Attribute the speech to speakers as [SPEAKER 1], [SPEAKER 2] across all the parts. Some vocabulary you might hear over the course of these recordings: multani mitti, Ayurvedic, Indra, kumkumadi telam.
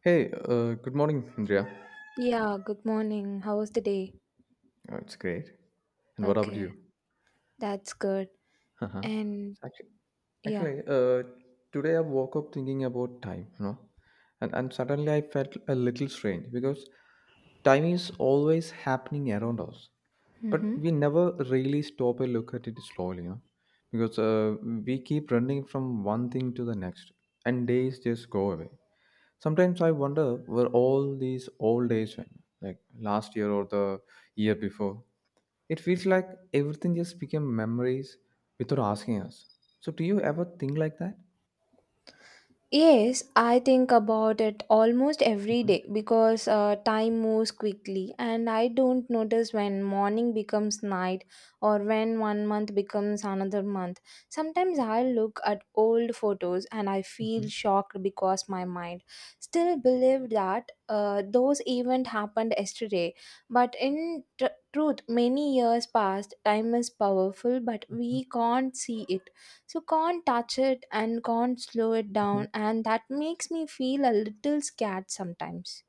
[SPEAKER 1] Hey, good morning, Indria.
[SPEAKER 2] Yeah, good morning. How was the day?
[SPEAKER 1] It's great. And what about
[SPEAKER 2] Okay,
[SPEAKER 1] you?
[SPEAKER 2] that's good.
[SPEAKER 1] Uh-huh.
[SPEAKER 2] And
[SPEAKER 1] Actually,
[SPEAKER 2] yeah.
[SPEAKER 1] Actually, today I woke up thinking about time, you know, and suddenly I felt a little strange because time is always happening around us, but
[SPEAKER 2] Mm-hmm.
[SPEAKER 1] we never really stop and look at it slowly, you know, because we keep running from one thing to the next, and days just go away. Sometimes I wonder where all these old days went, like last year or the year before. It feels like everything just became memories without asking us. So, do you ever think like that?
[SPEAKER 2] Yes, I think about it almost every
[SPEAKER 1] Mhm,
[SPEAKER 2] day because time moves quickly, and I don't notice when morning becomes night or when one month becomes another month. Sometimes I look at old photos and I feel
[SPEAKER 1] mhm,
[SPEAKER 2] shocked because my mind still believed that those events happened yesterday. But in truth, many years passed. Time is powerful, but
[SPEAKER 1] mhm,
[SPEAKER 2] we can't see it, so can't touch it, and can't slow it
[SPEAKER 1] mhm.
[SPEAKER 2] down, and that makes me feel a little scared sometimes.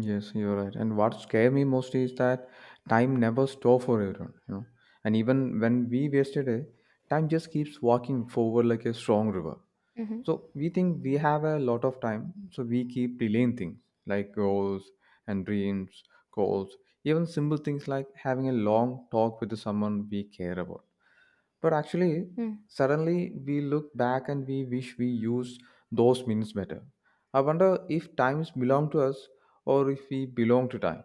[SPEAKER 1] Yes, you're right. And what scared me most is that time never stops for everyone, you know. And even when we wasted it, time just keeps walking forward like a strong river.
[SPEAKER 2] Mm-hmm.
[SPEAKER 1] So we think we have a lot of time, so we keep delaying things like goals and dreams, goals, even simple things like having a long talk with someone we care about. But actually, suddenly we look back and we wish we used those minutes better. I wonder if times belong to us or if we belong to time.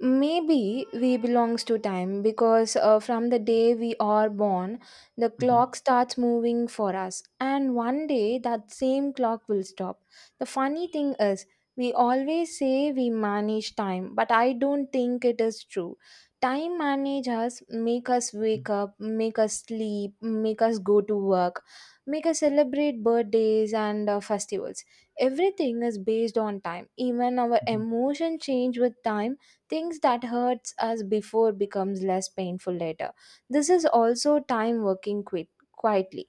[SPEAKER 2] Maybe we belongs to time because from the day we are born, the clock
[SPEAKER 1] Hmm.
[SPEAKER 2] starts moving for us, and one day that same clock will stop. The funny thing is, we always say we manage time, but I don't think it is true. Time manage us, make us wake up, make us sleep, make us go to work, make us celebrate birthdays and festivals. Everything is based on time. Even our
[SPEAKER 1] Hmm.
[SPEAKER 2] emotion change with time. Things that hurts us before becomes less painful later. This is also time working quietly.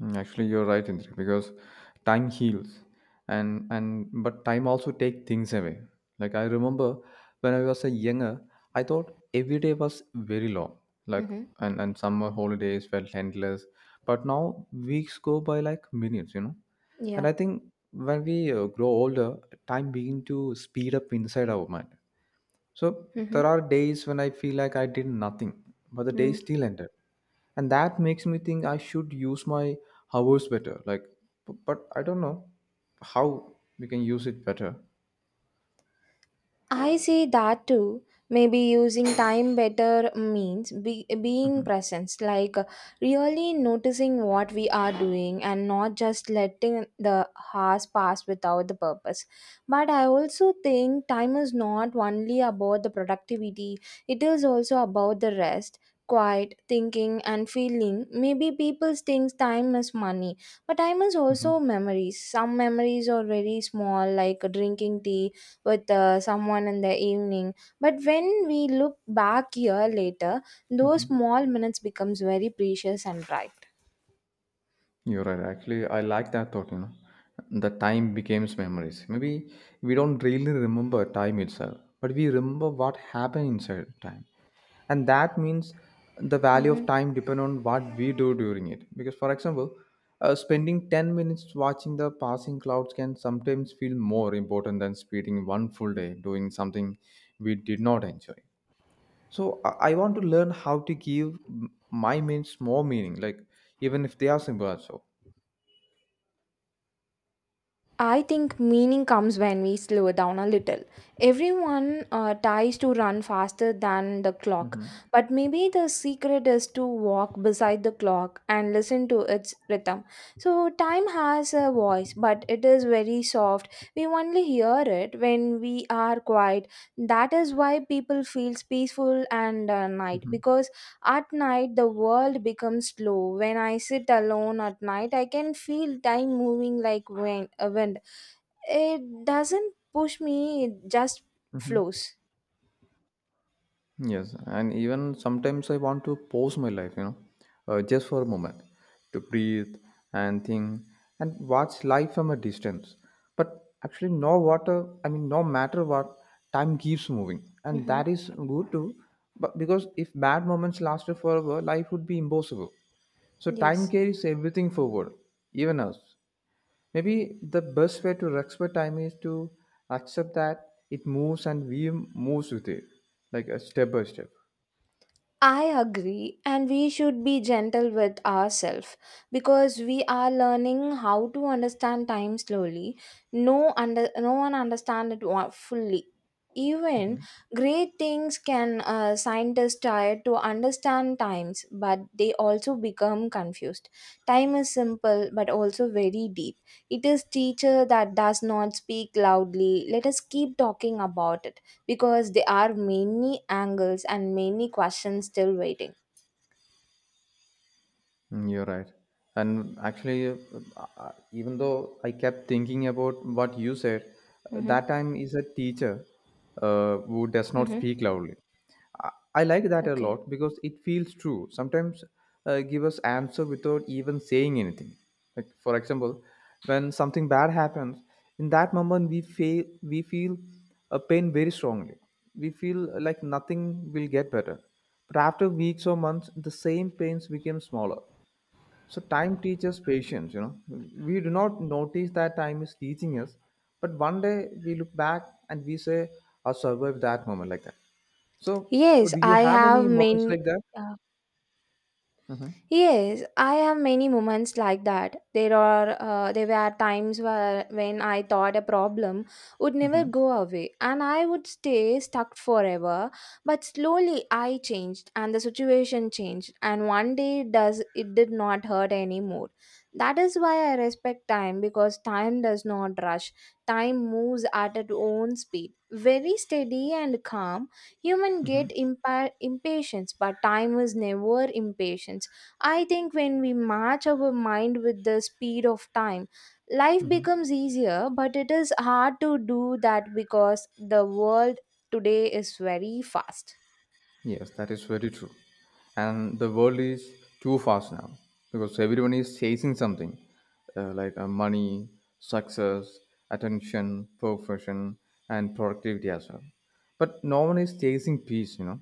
[SPEAKER 1] Mm, actually, you're right, Indra, because time heals, and but time also take things away. Like I remember when I was a younger, I thought every day was very long. Like
[SPEAKER 2] Mm-hmm.
[SPEAKER 1] and summer holidays felt endless, but now weeks go by like minutes. You know, and
[SPEAKER 2] Yeah.
[SPEAKER 1] I think when we grow older, time begin to speed up inside our mind. So
[SPEAKER 2] Mm-hmm.
[SPEAKER 1] there are days when I feel like I did nothing, but the day still ended. And that makes me think I should use my hours better. Like, but I don't know how we can use it better.
[SPEAKER 2] I see that too. Maybe using time better means being
[SPEAKER 1] Mhm,
[SPEAKER 2] present, like really noticing what we are doing and not just letting the hours pass without the purpose. But I also think time is not only about the productivity, it is also about the rest. Quiet, thinking, and feeling. Maybe people think time is money, but time is
[SPEAKER 1] mhm,
[SPEAKER 2] also memories. Some memories are very small, like drinking tea with someone in the evening, but when we look back year later, those
[SPEAKER 1] mhm.
[SPEAKER 2] small minutes becomes very precious and bright.
[SPEAKER 1] You're right. Actually, I like that thought, you know. The time becomes memories. Maybe we don't really remember time itself, but we remember what happened inside time. And that means the value of time depend on what we do during it because for example spending 10 minutes watching the passing clouds can sometimes feel more important than spending one full day doing something we did not enjoy. I want to learn how to give m- my minutes more meaning, like even if they are simple also.
[SPEAKER 2] I think meaning comes when we slow down a little. Everyone tries to run faster than the clock,
[SPEAKER 1] Mm-hmm.
[SPEAKER 2] but maybe the secret is to walk beside the clock and listen to its rhythm. So, time has a voice, but it is very soft. We only hear it when we are quiet. That is why people feel peaceful and night,
[SPEAKER 1] Mm-hmm.
[SPEAKER 2] because at night the world becomes slow. When I sit alone at night, I can feel time moving like wind. A wind, it doesn't push me, it just flows.
[SPEAKER 1] Yes, and even sometimes I want to pause my life, you know, just for a moment to breathe and think and watch life from a distance. But actually, no matter what, time keeps moving, and
[SPEAKER 2] Mm-hmm.
[SPEAKER 1] that is good too. But because if bad moments lasted forever, life would be impossible. So, time
[SPEAKER 2] Yes.
[SPEAKER 1] carries everything forward, even us. Maybe the best way to respect time is to accept that it moves and we moves with it, like a step by step.
[SPEAKER 2] I agree, and we should be gentle with ourselves because we are learning how to understand time slowly. No, no one understands it fully. Even
[SPEAKER 1] Hmm.
[SPEAKER 2] great things can Scientists try to understand times, but they also become confused. Time is simple but also very deep. It is teacher that does not speak loudly. Let us keep talking about it because there are many angles and many questions still waiting.
[SPEAKER 1] Mm, you're right. And actually, even though I kept thinking about what you said,
[SPEAKER 2] Mm-hmm.
[SPEAKER 1] that time is a teacher who does not
[SPEAKER 2] Mm-hmm.
[SPEAKER 1] speak loudly. I like that a
[SPEAKER 2] Okay.
[SPEAKER 1] lot because it feels true. Sometimes give us answer without even saying anything. Like for example, when something bad happens, in that moment we feel a pain very strongly. We feel like nothing will get better. But after weeks or months, the same pains became smaller, so time teaches patience, you know. We do not notice that time is teaching us, but one day we look back and we say, I survived that moment like that. So
[SPEAKER 2] Yes,
[SPEAKER 1] do you
[SPEAKER 2] I
[SPEAKER 1] have
[SPEAKER 2] have
[SPEAKER 1] any moments
[SPEAKER 2] many.
[SPEAKER 1] like that?
[SPEAKER 2] uh,
[SPEAKER 1] Mm-hmm.
[SPEAKER 2] Yes, I have many moments like that. There were times where when I thought a problem would never
[SPEAKER 1] Mm-hmm.
[SPEAKER 2] go away and I would stay stuck forever. But slowly I changed and the situation changed, and one day it did not hurt anymore. That is why I respect time, because time does not rush. Time moves at its own speed. Very steady and calm. Human
[SPEAKER 1] Mm-hmm.
[SPEAKER 2] get impatience, but time is never impatient. I think when we match our mind with the speed of time, life
[SPEAKER 1] Mm-hmm.
[SPEAKER 2] becomes easier, but it is hard to do that because the world today is very fast.
[SPEAKER 1] Yes, that is very true. And the world is too fast now because everyone is chasing something like money, success, attention, perfection, and productivity as well. But no one is chasing peace, you know.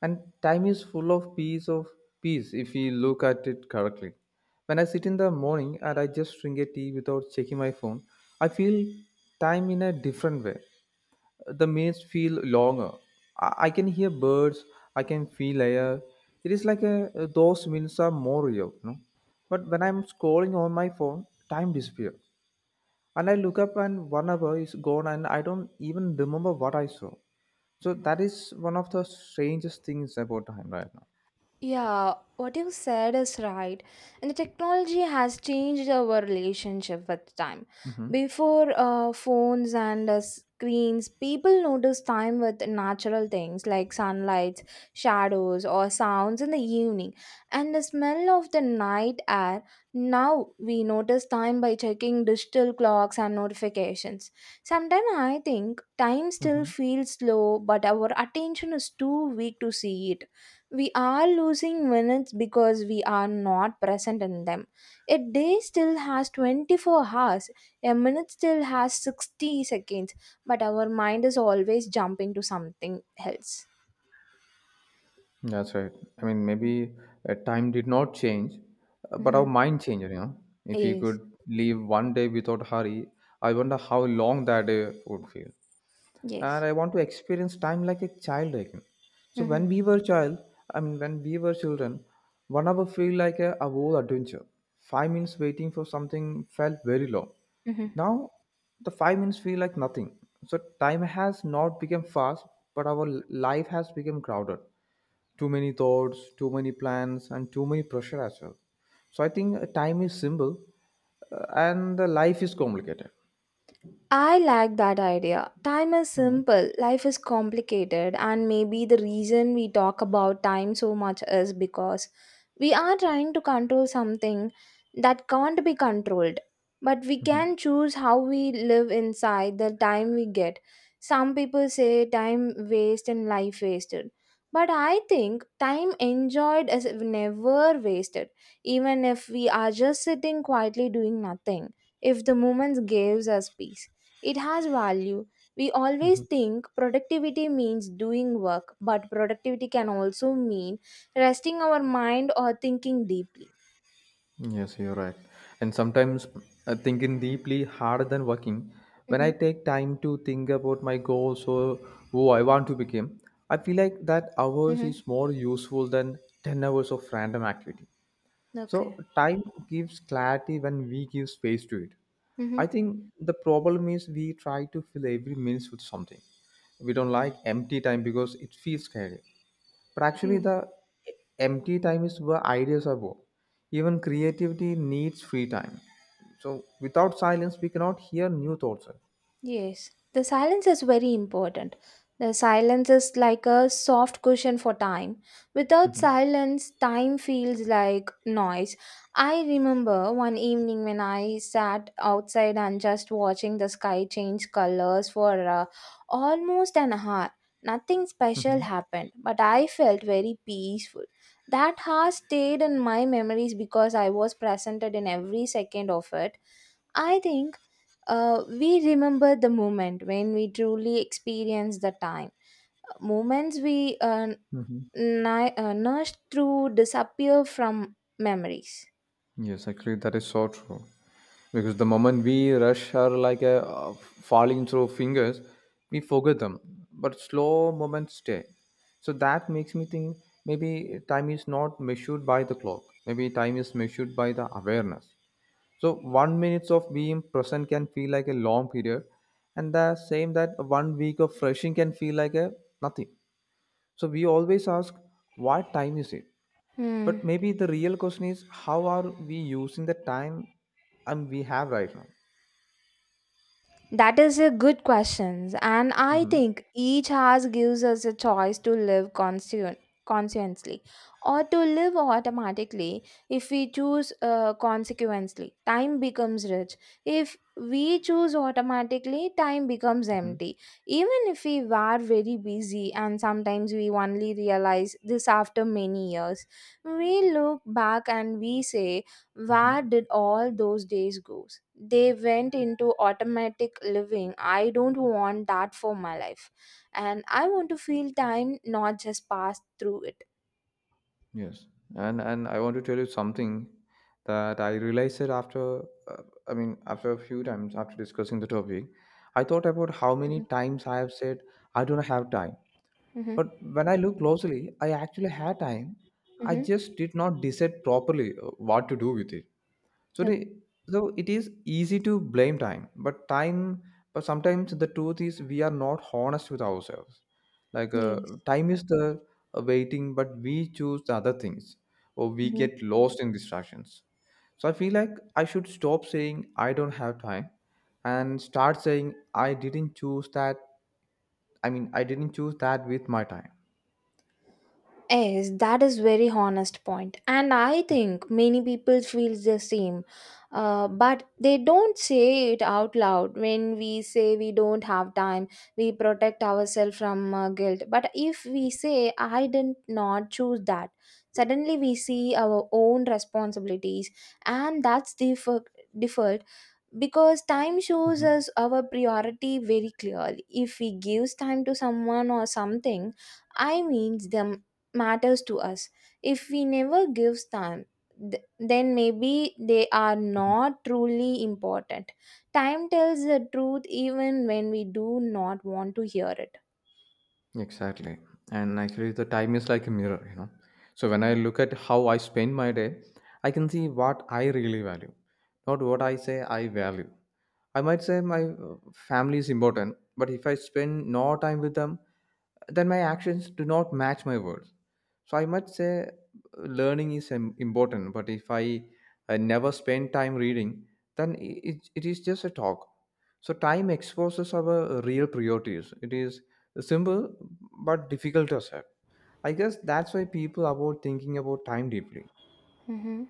[SPEAKER 1] And time is full of peace if we look at it correctly. When I sit in the morning and I just drink a tea without checking my phone, I feel time in a different way. The minutes feel longer. I can hear birds, I can feel air. It is like a, those minutes are more real, you know. But when I'm scrolling on my phone, time disappears. And I look up and one hour is gone and I don't even remember what I saw. So that is one of the strangest things about time right now.
[SPEAKER 2] Yeah, what you said is right. And the technology has changed our relationship with time.
[SPEAKER 1] Mm-hmm.
[SPEAKER 2] Before phones and screens, people noticed time with natural things like sunlight, shadows, or sounds in the evening. And the smell of the night air. Now we notice time by checking digital clocks and notifications. Sometimes I think time still feels slow, but our attention is too weak to see it. We are losing minutes because we are not present in them. A day still has 24 hours, a minute still has 60 seconds, but our mind is always jumping to something else.
[SPEAKER 1] That's right. I mean, maybe time did not change, but our
[SPEAKER 2] Hmm.
[SPEAKER 1] mind changed, you know. If you
[SPEAKER 2] Yes.
[SPEAKER 1] could live one day without hurry, I wonder how long that day would feel. And
[SPEAKER 2] Yes.
[SPEAKER 1] I want to experience time like a child again. So when
[SPEAKER 2] Hmm.
[SPEAKER 1] we were child, I mean, when we were children, one hour feel like a whole adventure. 5 minutes waiting for something felt very long.
[SPEAKER 2] Hmm.
[SPEAKER 1] Now, the 5 minutes feel like nothing. So time has not become fast, but our life has become crowded, too many thoughts, too many plans, and too many pressure as well. So I think time is simple and the life is complicated.
[SPEAKER 2] I like that idea. Time is
[SPEAKER 1] Hmm.
[SPEAKER 2] simple, life is complicated, and maybe the reason we talk about time so much is because we are trying to control something that can't be controlled. But we
[SPEAKER 1] Hmm.
[SPEAKER 2] can choose how we live inside the time we get. Some people say time waste and life wasted. But I think time enjoyed is never wasted, even if we are just sitting quietly doing nothing, if the moment gives us peace. It has value. We always think productivity means doing work, but productivity can also mean resting our mind or thinking deeply.
[SPEAKER 1] Yes, you're right. And sometimes thinking deeply harder than working. When I
[SPEAKER 2] Mm-hmm.
[SPEAKER 1] take time to think about my goals or who I want to become, I feel like that hours
[SPEAKER 2] Mm-hmm.
[SPEAKER 1] is more useful than 10 hours of random activity.
[SPEAKER 2] Okay.
[SPEAKER 1] So time gives clarity when we give space to it.
[SPEAKER 2] Mm-hmm.
[SPEAKER 1] I think the problem is we try to fill every minute with something. We don't like empty time because it feels scary. But actually, the empty time is where ideas are born. Even creativity needs free time. So without silence, we cannot hear new thoughts.
[SPEAKER 2] Yes, the silence is very important. The silence is like a soft cushion for time. Without
[SPEAKER 1] Mm-hmm.
[SPEAKER 2] silence, time feels like noise. I remember one evening when I sat outside and just watching the sky change colors for almost an hour. Nothing special happened, but I felt very peaceful. That hour stayed in my memories because I was presented in every second of it. I think we remember the moment when we truly experience the time. Moments we
[SPEAKER 1] Mm-hmm.
[SPEAKER 2] nourished through disappear from memories.
[SPEAKER 1] Yes, actually, that is so true. Because the moment we rush are like falling through fingers, we forget them. But slow moments stay. So that makes me think maybe time is not measured by the clock. Maybe time is measured by the awareness. So one minutes of being present can feel like a long period, and the same that one week of rushing can feel like a nothing. So we always ask, what time is it?
[SPEAKER 2] Hmm.
[SPEAKER 1] But maybe the real question is how are we using the time and we have right now?
[SPEAKER 2] That is a good question, and I
[SPEAKER 1] Mm-hmm.
[SPEAKER 2] think each house gives us a choice to live conscientiously or to live automatically. If we choose consequently, time becomes rich. If we choose automatically, time becomes
[SPEAKER 1] Mm-hmm.
[SPEAKER 2] empty. Even if we were very busy, and sometimes we only realize this after many years, we look back and we say,
[SPEAKER 1] Hmm.
[SPEAKER 2] where did all those days go? They went into automatic living. I don't want that for my life. And I want to feel time, not just pass through it.
[SPEAKER 1] Yes, and I want to tell you something that I realized it after. Uh, I mean, after a few times after discussing the topic, I thought about how many times I have said I don't have time.
[SPEAKER 2] Mm-hmm.
[SPEAKER 1] But when I look closely, I actually had time. I
[SPEAKER 2] Mm-hmm.
[SPEAKER 1] just did not decide properly what to do with it. So,
[SPEAKER 2] Okay.
[SPEAKER 1] the, so it is easy to blame time, but sometimes the truth is we are not honest with ourselves. Like
[SPEAKER 2] Yes.
[SPEAKER 1] time is the waiting, but we choose the other things, or we get lost in distractions. So I feel like I should stop saying I don't have time, and start saying I didn't choose that. I mean, I didn't choose that with my time.
[SPEAKER 2] Yes, that is very honest point, and I think many people feel the same, but they don't say it out loud. When we say we don't have time, we protect ourselves from guilt. But if we say I did not choose that, suddenly we see our own responsibilities, and that's the difficult, because time shows
[SPEAKER 1] Hmm.
[SPEAKER 2] us our priority very clearly. If we gives time to someone or something, I means them matters to us. If we never gives time, then maybe they are not truly important. Time tells the truth even when we do not want to hear it.
[SPEAKER 1] Exactly. And actually, the time is like a mirror, you know. So when I look at how I spend my day, I can see what I really value, not what I say I value. I might say my family is important, but if I spend no time with them, then my actions do not match my words. So I must say learning is important, but if I, I never spend time reading, then it is just a talk. So time exposes our real priorities. It is simple but difficult to accept. I guess that's why people avoid thinking about time deeply.
[SPEAKER 2] Mhm.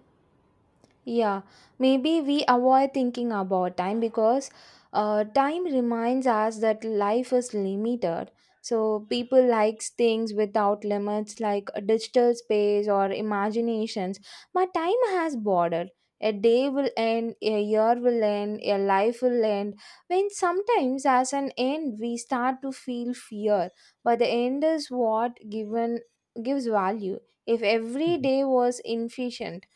[SPEAKER 2] Yeah, maybe we avoid thinking about time because time reminds us that life is limited. So people likes things without limits like a digital space or imaginations. But time has border. A day will end, a year will end, a life will end. When sometimes as an end we start to feel fear, but the end is what given gives value. If every
[SPEAKER 1] Mhm.
[SPEAKER 2] day was inefficient,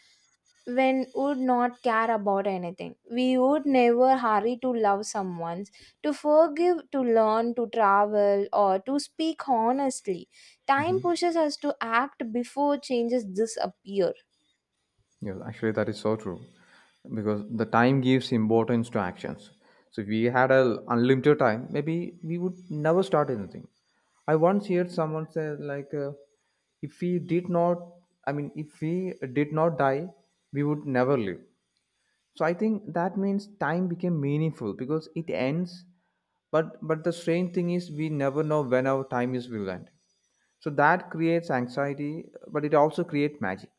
[SPEAKER 2] when would not care about anything. We would never hurry to love someone, to forgive, to learn, to travel, or to speak honestly. Time
[SPEAKER 1] Mhm.
[SPEAKER 2] pushes us to act before changes disappear.
[SPEAKER 1] Yes, actually, that is so true because the time gives importance to actions. So, if we had a unlimited time, maybe we would never start anything. I once heard someone say, like, if we did not, I mean, if we did not die, we would never live. So, I think that means time became meaningful because it ends. But the strange thing is, we never know when our time is will end. So that creates anxiety, but it also creates magic.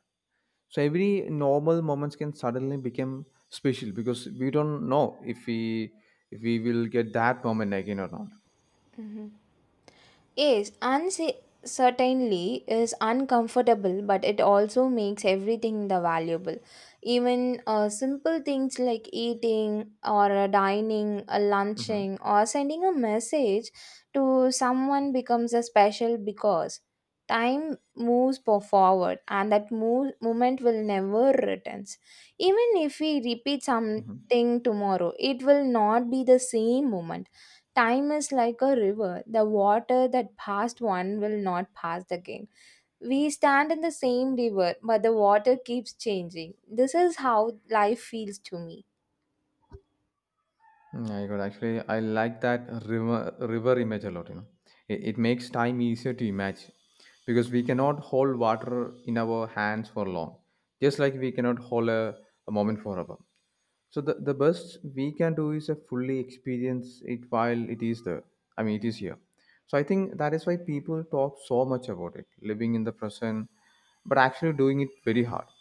[SPEAKER 1] So every normal moments can suddenly become special because we don't know if we will get that moment again or not.
[SPEAKER 2] Mhm. Yes, uncertainty is uncomfortable, but it also makes everything the valuable. Even simple things like eating or dining,
[SPEAKER 1] Hmm.
[SPEAKER 2] lunching, or sending a message to someone becomes a special because time moves forward, and that moment will never returns. Even if we repeat something tomorrow, it will not be the same moment. Time is like a river. The water that passed one will not pass again. We stand in the same river, but the water keeps changing. This is how life feels to me.
[SPEAKER 1] Hmm. I got actually I like that river image a lot, you know. It makes time easier to imagine because we cannot hold water in our hands for long, just like we cannot hold a moment forever. So the best we can do is a fully experience it while it is there. I mean, it is here. So I think that is why people talk so much about it, living in the present, but actually doing it very hard.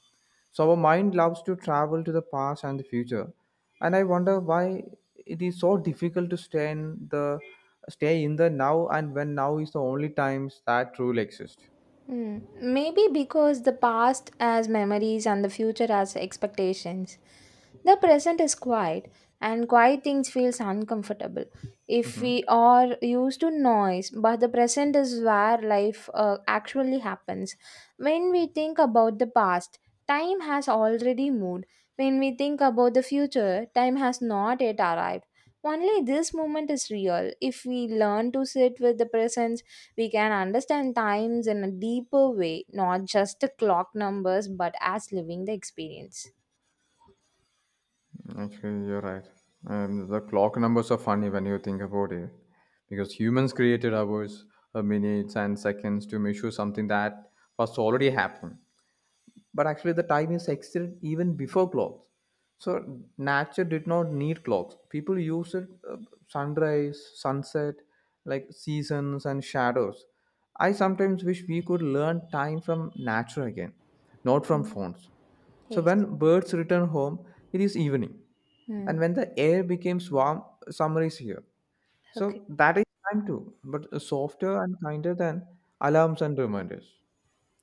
[SPEAKER 1] So our mind loves to travel to the past and the future, and I wonder why it is so difficult to stay in the now, and when now is the only times that truly exist.
[SPEAKER 2] Mm. Maybe because the past has memories and the future has expectations. The present is quiet, and quiet things feels uncomfortable. If
[SPEAKER 1] Mm-hmm.
[SPEAKER 2] we are used to noise, but the present is where life actually happens. When we think about the past, time has already moved. When we think about the future, time has not yet arrived. Only this moment is real. If we learn to sit with the presence, we can understand times in a deeper way, not just the clock numbers, but as living the experience.
[SPEAKER 1] Actually, you're right. The clock numbers are funny when you think about it, because humans created hours, minutes, and seconds to measure something that was already happened. But actually, the time is existed even before clocks. So nature did not need clocks. People used it, sunrise, sunset, like seasons and shadows. I sometimes wish we could learn time from nature again, not from
[SPEAKER 2] Mm.
[SPEAKER 1] phones. So
[SPEAKER 2] Yes.
[SPEAKER 1] when birds return home, it is evening,
[SPEAKER 2] Hmm.
[SPEAKER 1] and when the air becomes warm, summer is here.
[SPEAKER 2] Okay.
[SPEAKER 1] So that is time too, but softer and kinder than alarms and reminders.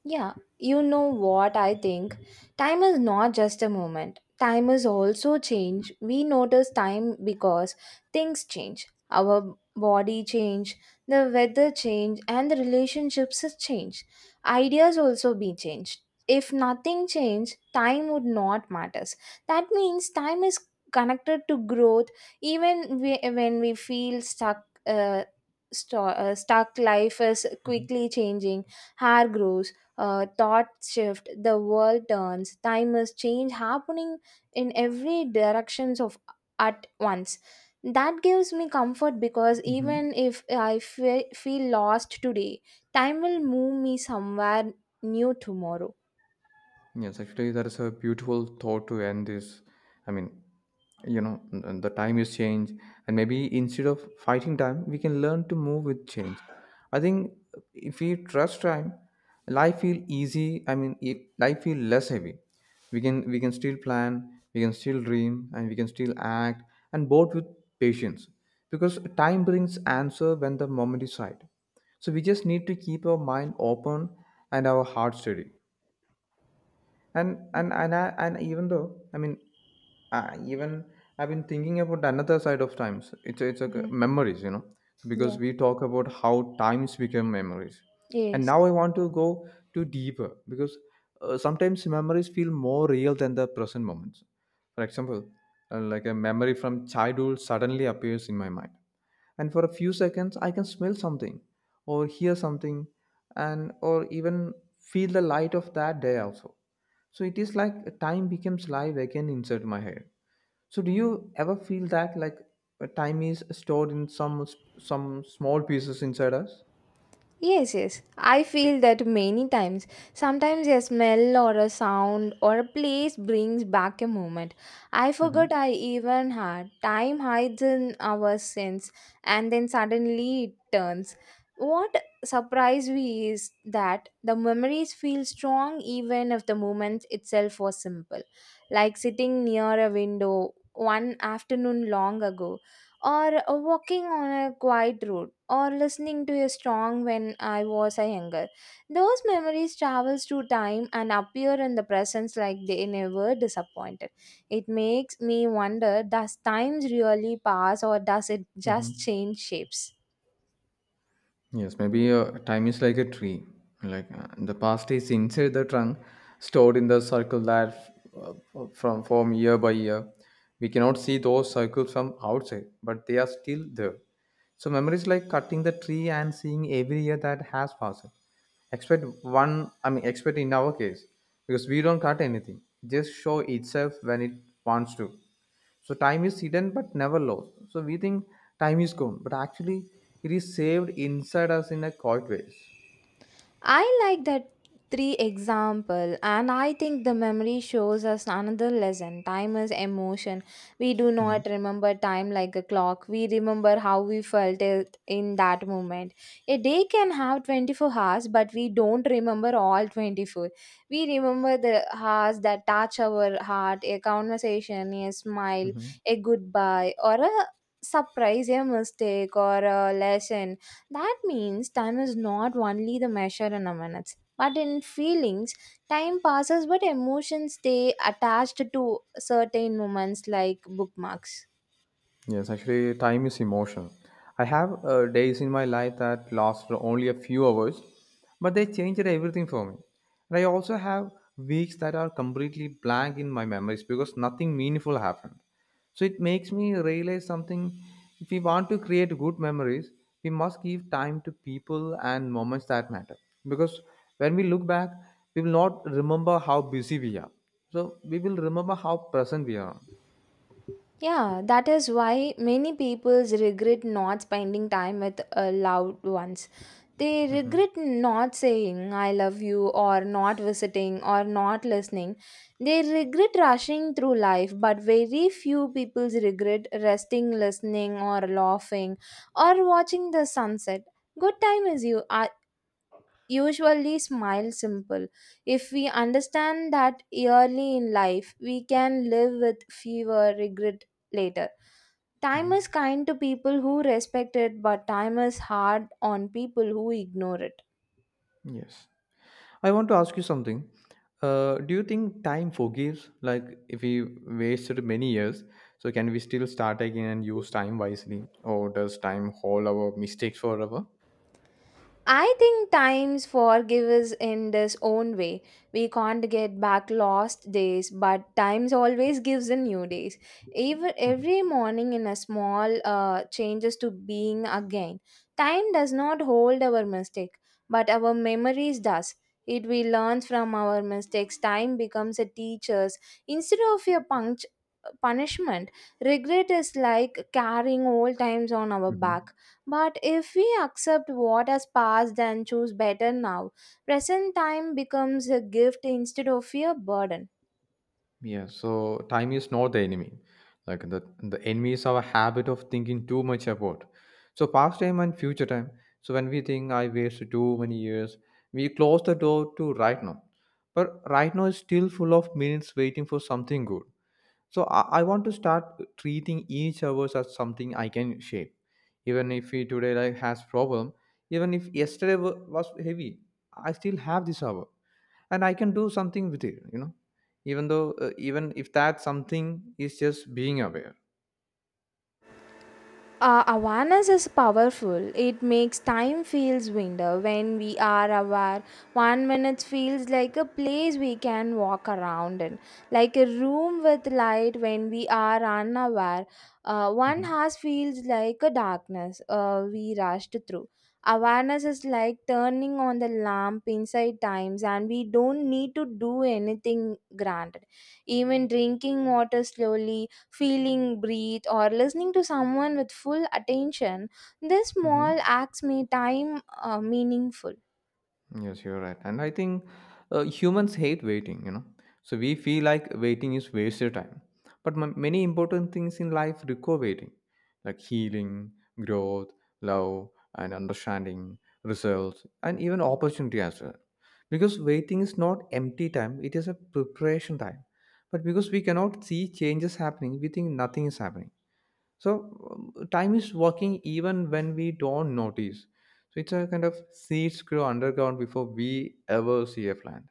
[SPEAKER 2] Yeah, you know what I think? Time is not just a moment. Time is also change. We notice time because things change. Our body change, the weather change, and the relationships is change. Ideas also be changed. If nothing changed, time would not matters. That means time is connected to growth. When we feel stuck, stuck life is
[SPEAKER 1] Mhm.
[SPEAKER 2] quickly changing. Hair grows, thought shift, the world turns. Time is change happening in every directions of at once. That gives me comfort because
[SPEAKER 1] Mhm.
[SPEAKER 2] even if I feel lost today, time will move me somewhere new tomorrow.
[SPEAKER 1] Yes, actually, that is a beautiful thought to end this. I mean, you know, the time is change, and maybe instead of fighting time, we can learn to move with change. I think if we trust time, life feel easy. I mean, life feel less heavy. We can still plan, we can still dream, and we can still act, and both with patience, because time brings answer when the moment is right. So we just need to keep our mind open and our heart steady, and even though I mean, I even I've been thinking about another side of times. It's a
[SPEAKER 2] Hmm.
[SPEAKER 1] memories, you know. So because
[SPEAKER 2] Yeah.
[SPEAKER 1] we talk about how times become memories, and
[SPEAKER 2] Yes.
[SPEAKER 1] now I want to go to deeper because sometimes memories feel more real than the present moments. For example, like a memory from childhood suddenly appears in my mind, and for a few seconds I can smell something, or hear something, and or even feel the light of that day also. So it is like time becomes live again inside my head. So do you ever feel that like time is stored in some small pieces inside us?
[SPEAKER 2] Yes, yes. I feel that many times. Sometimes a smell or a sound or a place brings back a moment. I forgot
[SPEAKER 1] Hmm.
[SPEAKER 2] I even had. Time hides in our sense and then suddenly it turns. What surprised me is that the memories feel strong even if the moment itself was simple. Like sitting near a window one afternoon long ago or walking on a quiet road or listening to a song when I was a younger. Those memories travels through time and appear in the presence like they never disappointed. It makes me wonder, does times really pass or does it just change shapes?
[SPEAKER 1] Yes, maybe time is like a tree. Like the past is inside the trunk, stored in the circle that from form year by year. We cannot see those circles from outside, but they are still there. So memories like cutting the tree and seeing every year that has passed. Expect one, I mean, expect in our case, because we don't cut anything. It just show itself when it wants to. So time is hidden but never lost. So we think time is gone, but actually it is saved inside us in a quiet ways.
[SPEAKER 2] I like that three example, and I think the memory shows us another lesson. Time is emotion. We do
[SPEAKER 1] Hmm.
[SPEAKER 2] not remember time like a clock. We remember how we felt it in that moment. A day can have 24 hours, but we don't remember all 24. We remember the hours that touch our heart, a conversation, a smile,
[SPEAKER 1] Hmm.
[SPEAKER 2] a goodbye or a surprise, a mistake or a lesson. That means time is not only the measure in a minutes, but in feelings. Time passes, but emotions stay attached to certain moments like bookmarks.
[SPEAKER 1] Yes, actually, time is emotion. I have days in my life that last for only a few hours, but they changed everything for me. And I also have weeks that are completely blank in my memories because nothing meaningful happened. So it makes me realize something. If we want to create good memories, we must give time to people and moments that matter. Because when we look back, we will not remember how busy we are. So we will remember how present we are.
[SPEAKER 2] Yeah, that is why many people regret not spending time with loved ones. They regret not saying I love you or not visiting or not listening. They regret rushing through life, but very few people regret resting, listening, or laughing or watching the sunset. Good time is you usually smile simple. If we understand that early in life, we can live with fewer regret later. Time is kind to people who respect it, but time is hard on people who ignore it.
[SPEAKER 1] Yes. I want to ask you something. Do you think time forgives? Like, if we wasted many years, so can we still start again and use time wisely, or does time hold our mistakes forever?
[SPEAKER 2] I think times forgive us in this own way. We can't get back lost days, but times always gives in new days. Even
[SPEAKER 1] Mhm.
[SPEAKER 2] every morning in a small changes to being again. Time does not hold our mistake, but our memories does. It we learn from our mistakes. Time becomes a teacher's instead of a punch punishment. Regret is like carrying old times on our back,
[SPEAKER 1] Mhm.
[SPEAKER 2] but if we accept what has passed and choose better now, present time becomes a gift instead of a burden.
[SPEAKER 1] Yeah. So time is not the enemy. Like the enemy is our habit of thinking too much about. So past time and future time. So when we think I wasted too many years, we close the door to right now. But right now is still full of minutes waiting for something good. So I want to start treating each hours as something I can shape. Even if we today like has problem, even if yesterday was heavy, I still have this hour, and I can do something with it. You know, even though even if that something is just being aware.
[SPEAKER 2] Awareness is powerful. It makes time feels window. When we are aware, one minute feels like a place we can walk around in, like a room with light. When we are unaware, one
[SPEAKER 1] Hmm.
[SPEAKER 2] house feels like a darkness we rushed through. Awareness is like turning on the lamp inside times, and we don't need to do anything granted. Even drinking water slowly, feeling, breathe, or listening to someone with full attention, these small
[SPEAKER 1] Hmm.
[SPEAKER 2] acts make time meaningful.
[SPEAKER 1] Yes, you're right. And I think humans hate waiting, you know. So we feel like waiting is wasted time. But many important things in life require waiting, like healing, growth, love, and understanding, results, and even opportunity as well. Because waiting is not empty time, it is a preparation time. But because we cannot see changes happening, we think nothing is happening. So time is working even when we don't notice. So it's a kind of seeds grow underground before we ever see a plant.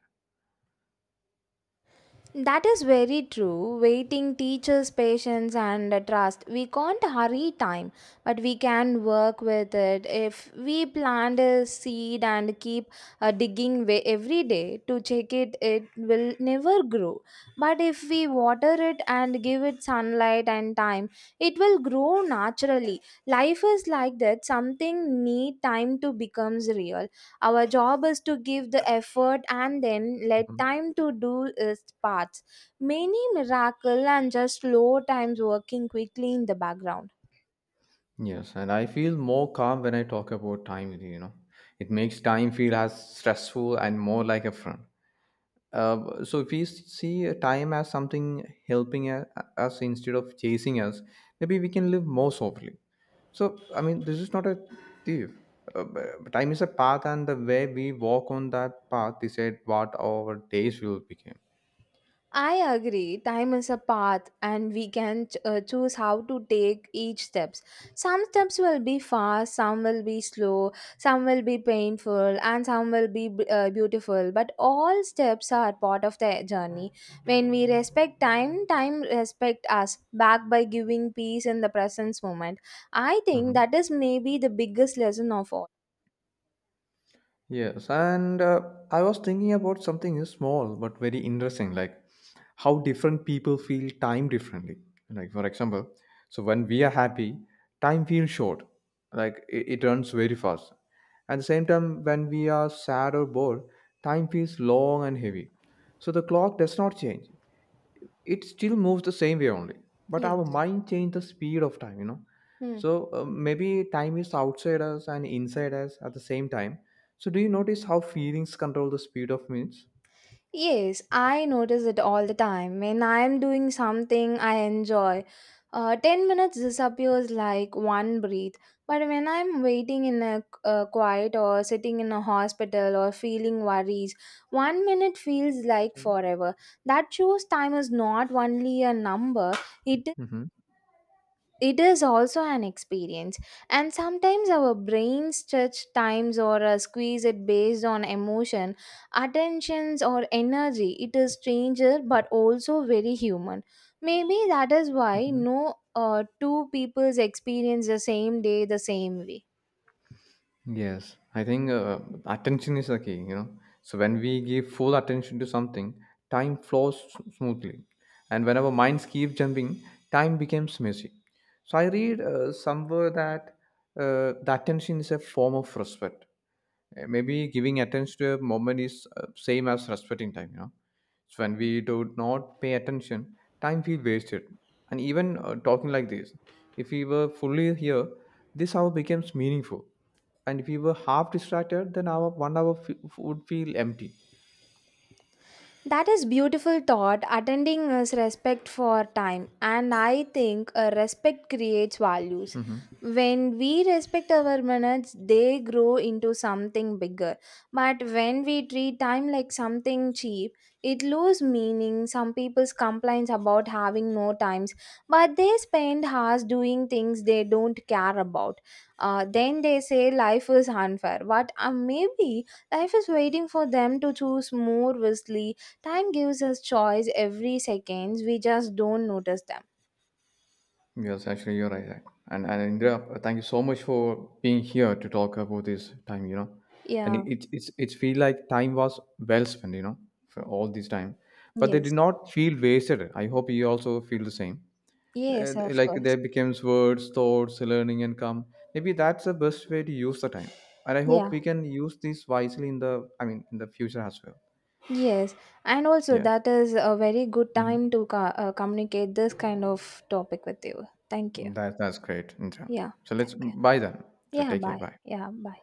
[SPEAKER 2] That is very true. Waiting teaches patience and trust. We can't hurry time, but we can work with it. If we plant a seed and keep every day to check it, it will never grow. But if we water it and give it sunlight and time, it will grow naturally. Life is like that. Something need time to becomes real. Our job is to give the effort and then let
[SPEAKER 1] Mhm.
[SPEAKER 2] time to do its parts. Many miracle and just slow times working quickly in the background.
[SPEAKER 1] Yes, and I feel more calm when I talk about time with you, you know. It makes time feel as stressful and more like a friend. So if we see a time as something helping a- us instead of chasing us, maybe we can live more softly. So, I mean, this is not a thief. Uh, but time is a path, and the way we walk on that path decide what our days will become.
[SPEAKER 2] I agree. Time is a path, and we can choose how to take each steps. Some steps will be fast, some will be slow, some will be painful, and some will be beautiful. But all steps are part of the journey. When we respect time, time respect us back by giving peace in the present moment. I think
[SPEAKER 1] Hmm.
[SPEAKER 2] that is maybe the biggest lesson of all.
[SPEAKER 1] Yes, and I was thinking about something small but very interesting, like how different people feel time differently. Like for example, so when we are happy, time feels short, like it runs very fast. At the same time, when we are sad or bored, time feels long and heavy. So the clock does not change, it still moves the same way only, but our
[SPEAKER 2] Yes.
[SPEAKER 1] mind change the speed of time, you know.
[SPEAKER 2] Hmm.
[SPEAKER 1] So maybe time is outside us and inside us at the same time. So do you notice how feelings control the speed of minutes?
[SPEAKER 2] Yes, I notice it all the time. When I am doing something I enjoy, 10 minutes disappears like one breath. But when I'm waiting in a quiet or sitting in a hospital or feeling worries, one minute feels like forever. That shows time is not only a number, it
[SPEAKER 1] Mm-hmm.
[SPEAKER 2] it is also an experience, and sometimes our brain stretch times or squeeze it based on emotion, attentions, or energy. It is stranger but also very human. Maybe that is why
[SPEAKER 1] Mm-hmm.
[SPEAKER 2] no two people's experience the same day the same way.
[SPEAKER 1] Yes, I think attention is the key, you know. So when we give full attention to something, time flows smoothly. And when our minds keep jumping, time becomes messy. So I read somewhere that the attention is a form of respect. Maybe giving attention to a moment is same as respecting time, you know. So when we do not pay attention, time feels wasted. And even talking like this, if we were fully here, this hour becomes meaningful. And if we were half distracted, then our 1 hour would feel empty.
[SPEAKER 2] That is beautiful thought. Attending is respect for time, and I think respect creates values.
[SPEAKER 1] Hmm.
[SPEAKER 2] When we respect our minutes, they grow into something bigger. But when we treat time like something cheap, it loses meaning. Some people's complaints about having no times, but they spend hours doing things they don't care about. Then they say life is unfair, but maybe life is waiting for them to choose more wisely. Time gives us choice every seconds. We just don't notice them.
[SPEAKER 1] Yes, actually, you're right. And Indra, thank you so much for being here to talk about this time. You know, and it,
[SPEAKER 2] Yeah.
[SPEAKER 1] it's feel like time was well spent. You know, for all this time, but they did
[SPEAKER 2] Yes.
[SPEAKER 1] not feel wasted. I hope you also feel the same. Uh,
[SPEAKER 2] Yes, of
[SPEAKER 1] like
[SPEAKER 2] course.
[SPEAKER 1] there becomes words, thoughts, learning, and come. Maybe that's the best way to use the time. And I
[SPEAKER 2] Yeah.
[SPEAKER 1] hope we can use this wisely in the I mean in the future as well.
[SPEAKER 2] Yes. And also,
[SPEAKER 1] Yeah.
[SPEAKER 2] that is a very good
[SPEAKER 1] Hmm.
[SPEAKER 2] time to communicate this kind of topic with you. Thank you.
[SPEAKER 1] That that's great, Indra.
[SPEAKER 2] Yeah.
[SPEAKER 1] So let's
[SPEAKER 2] Thank you.
[SPEAKER 1] bye then. So
[SPEAKER 2] Yeah.
[SPEAKER 1] take care.
[SPEAKER 2] Bye.
[SPEAKER 1] Bye.
[SPEAKER 2] Yeah. Bye.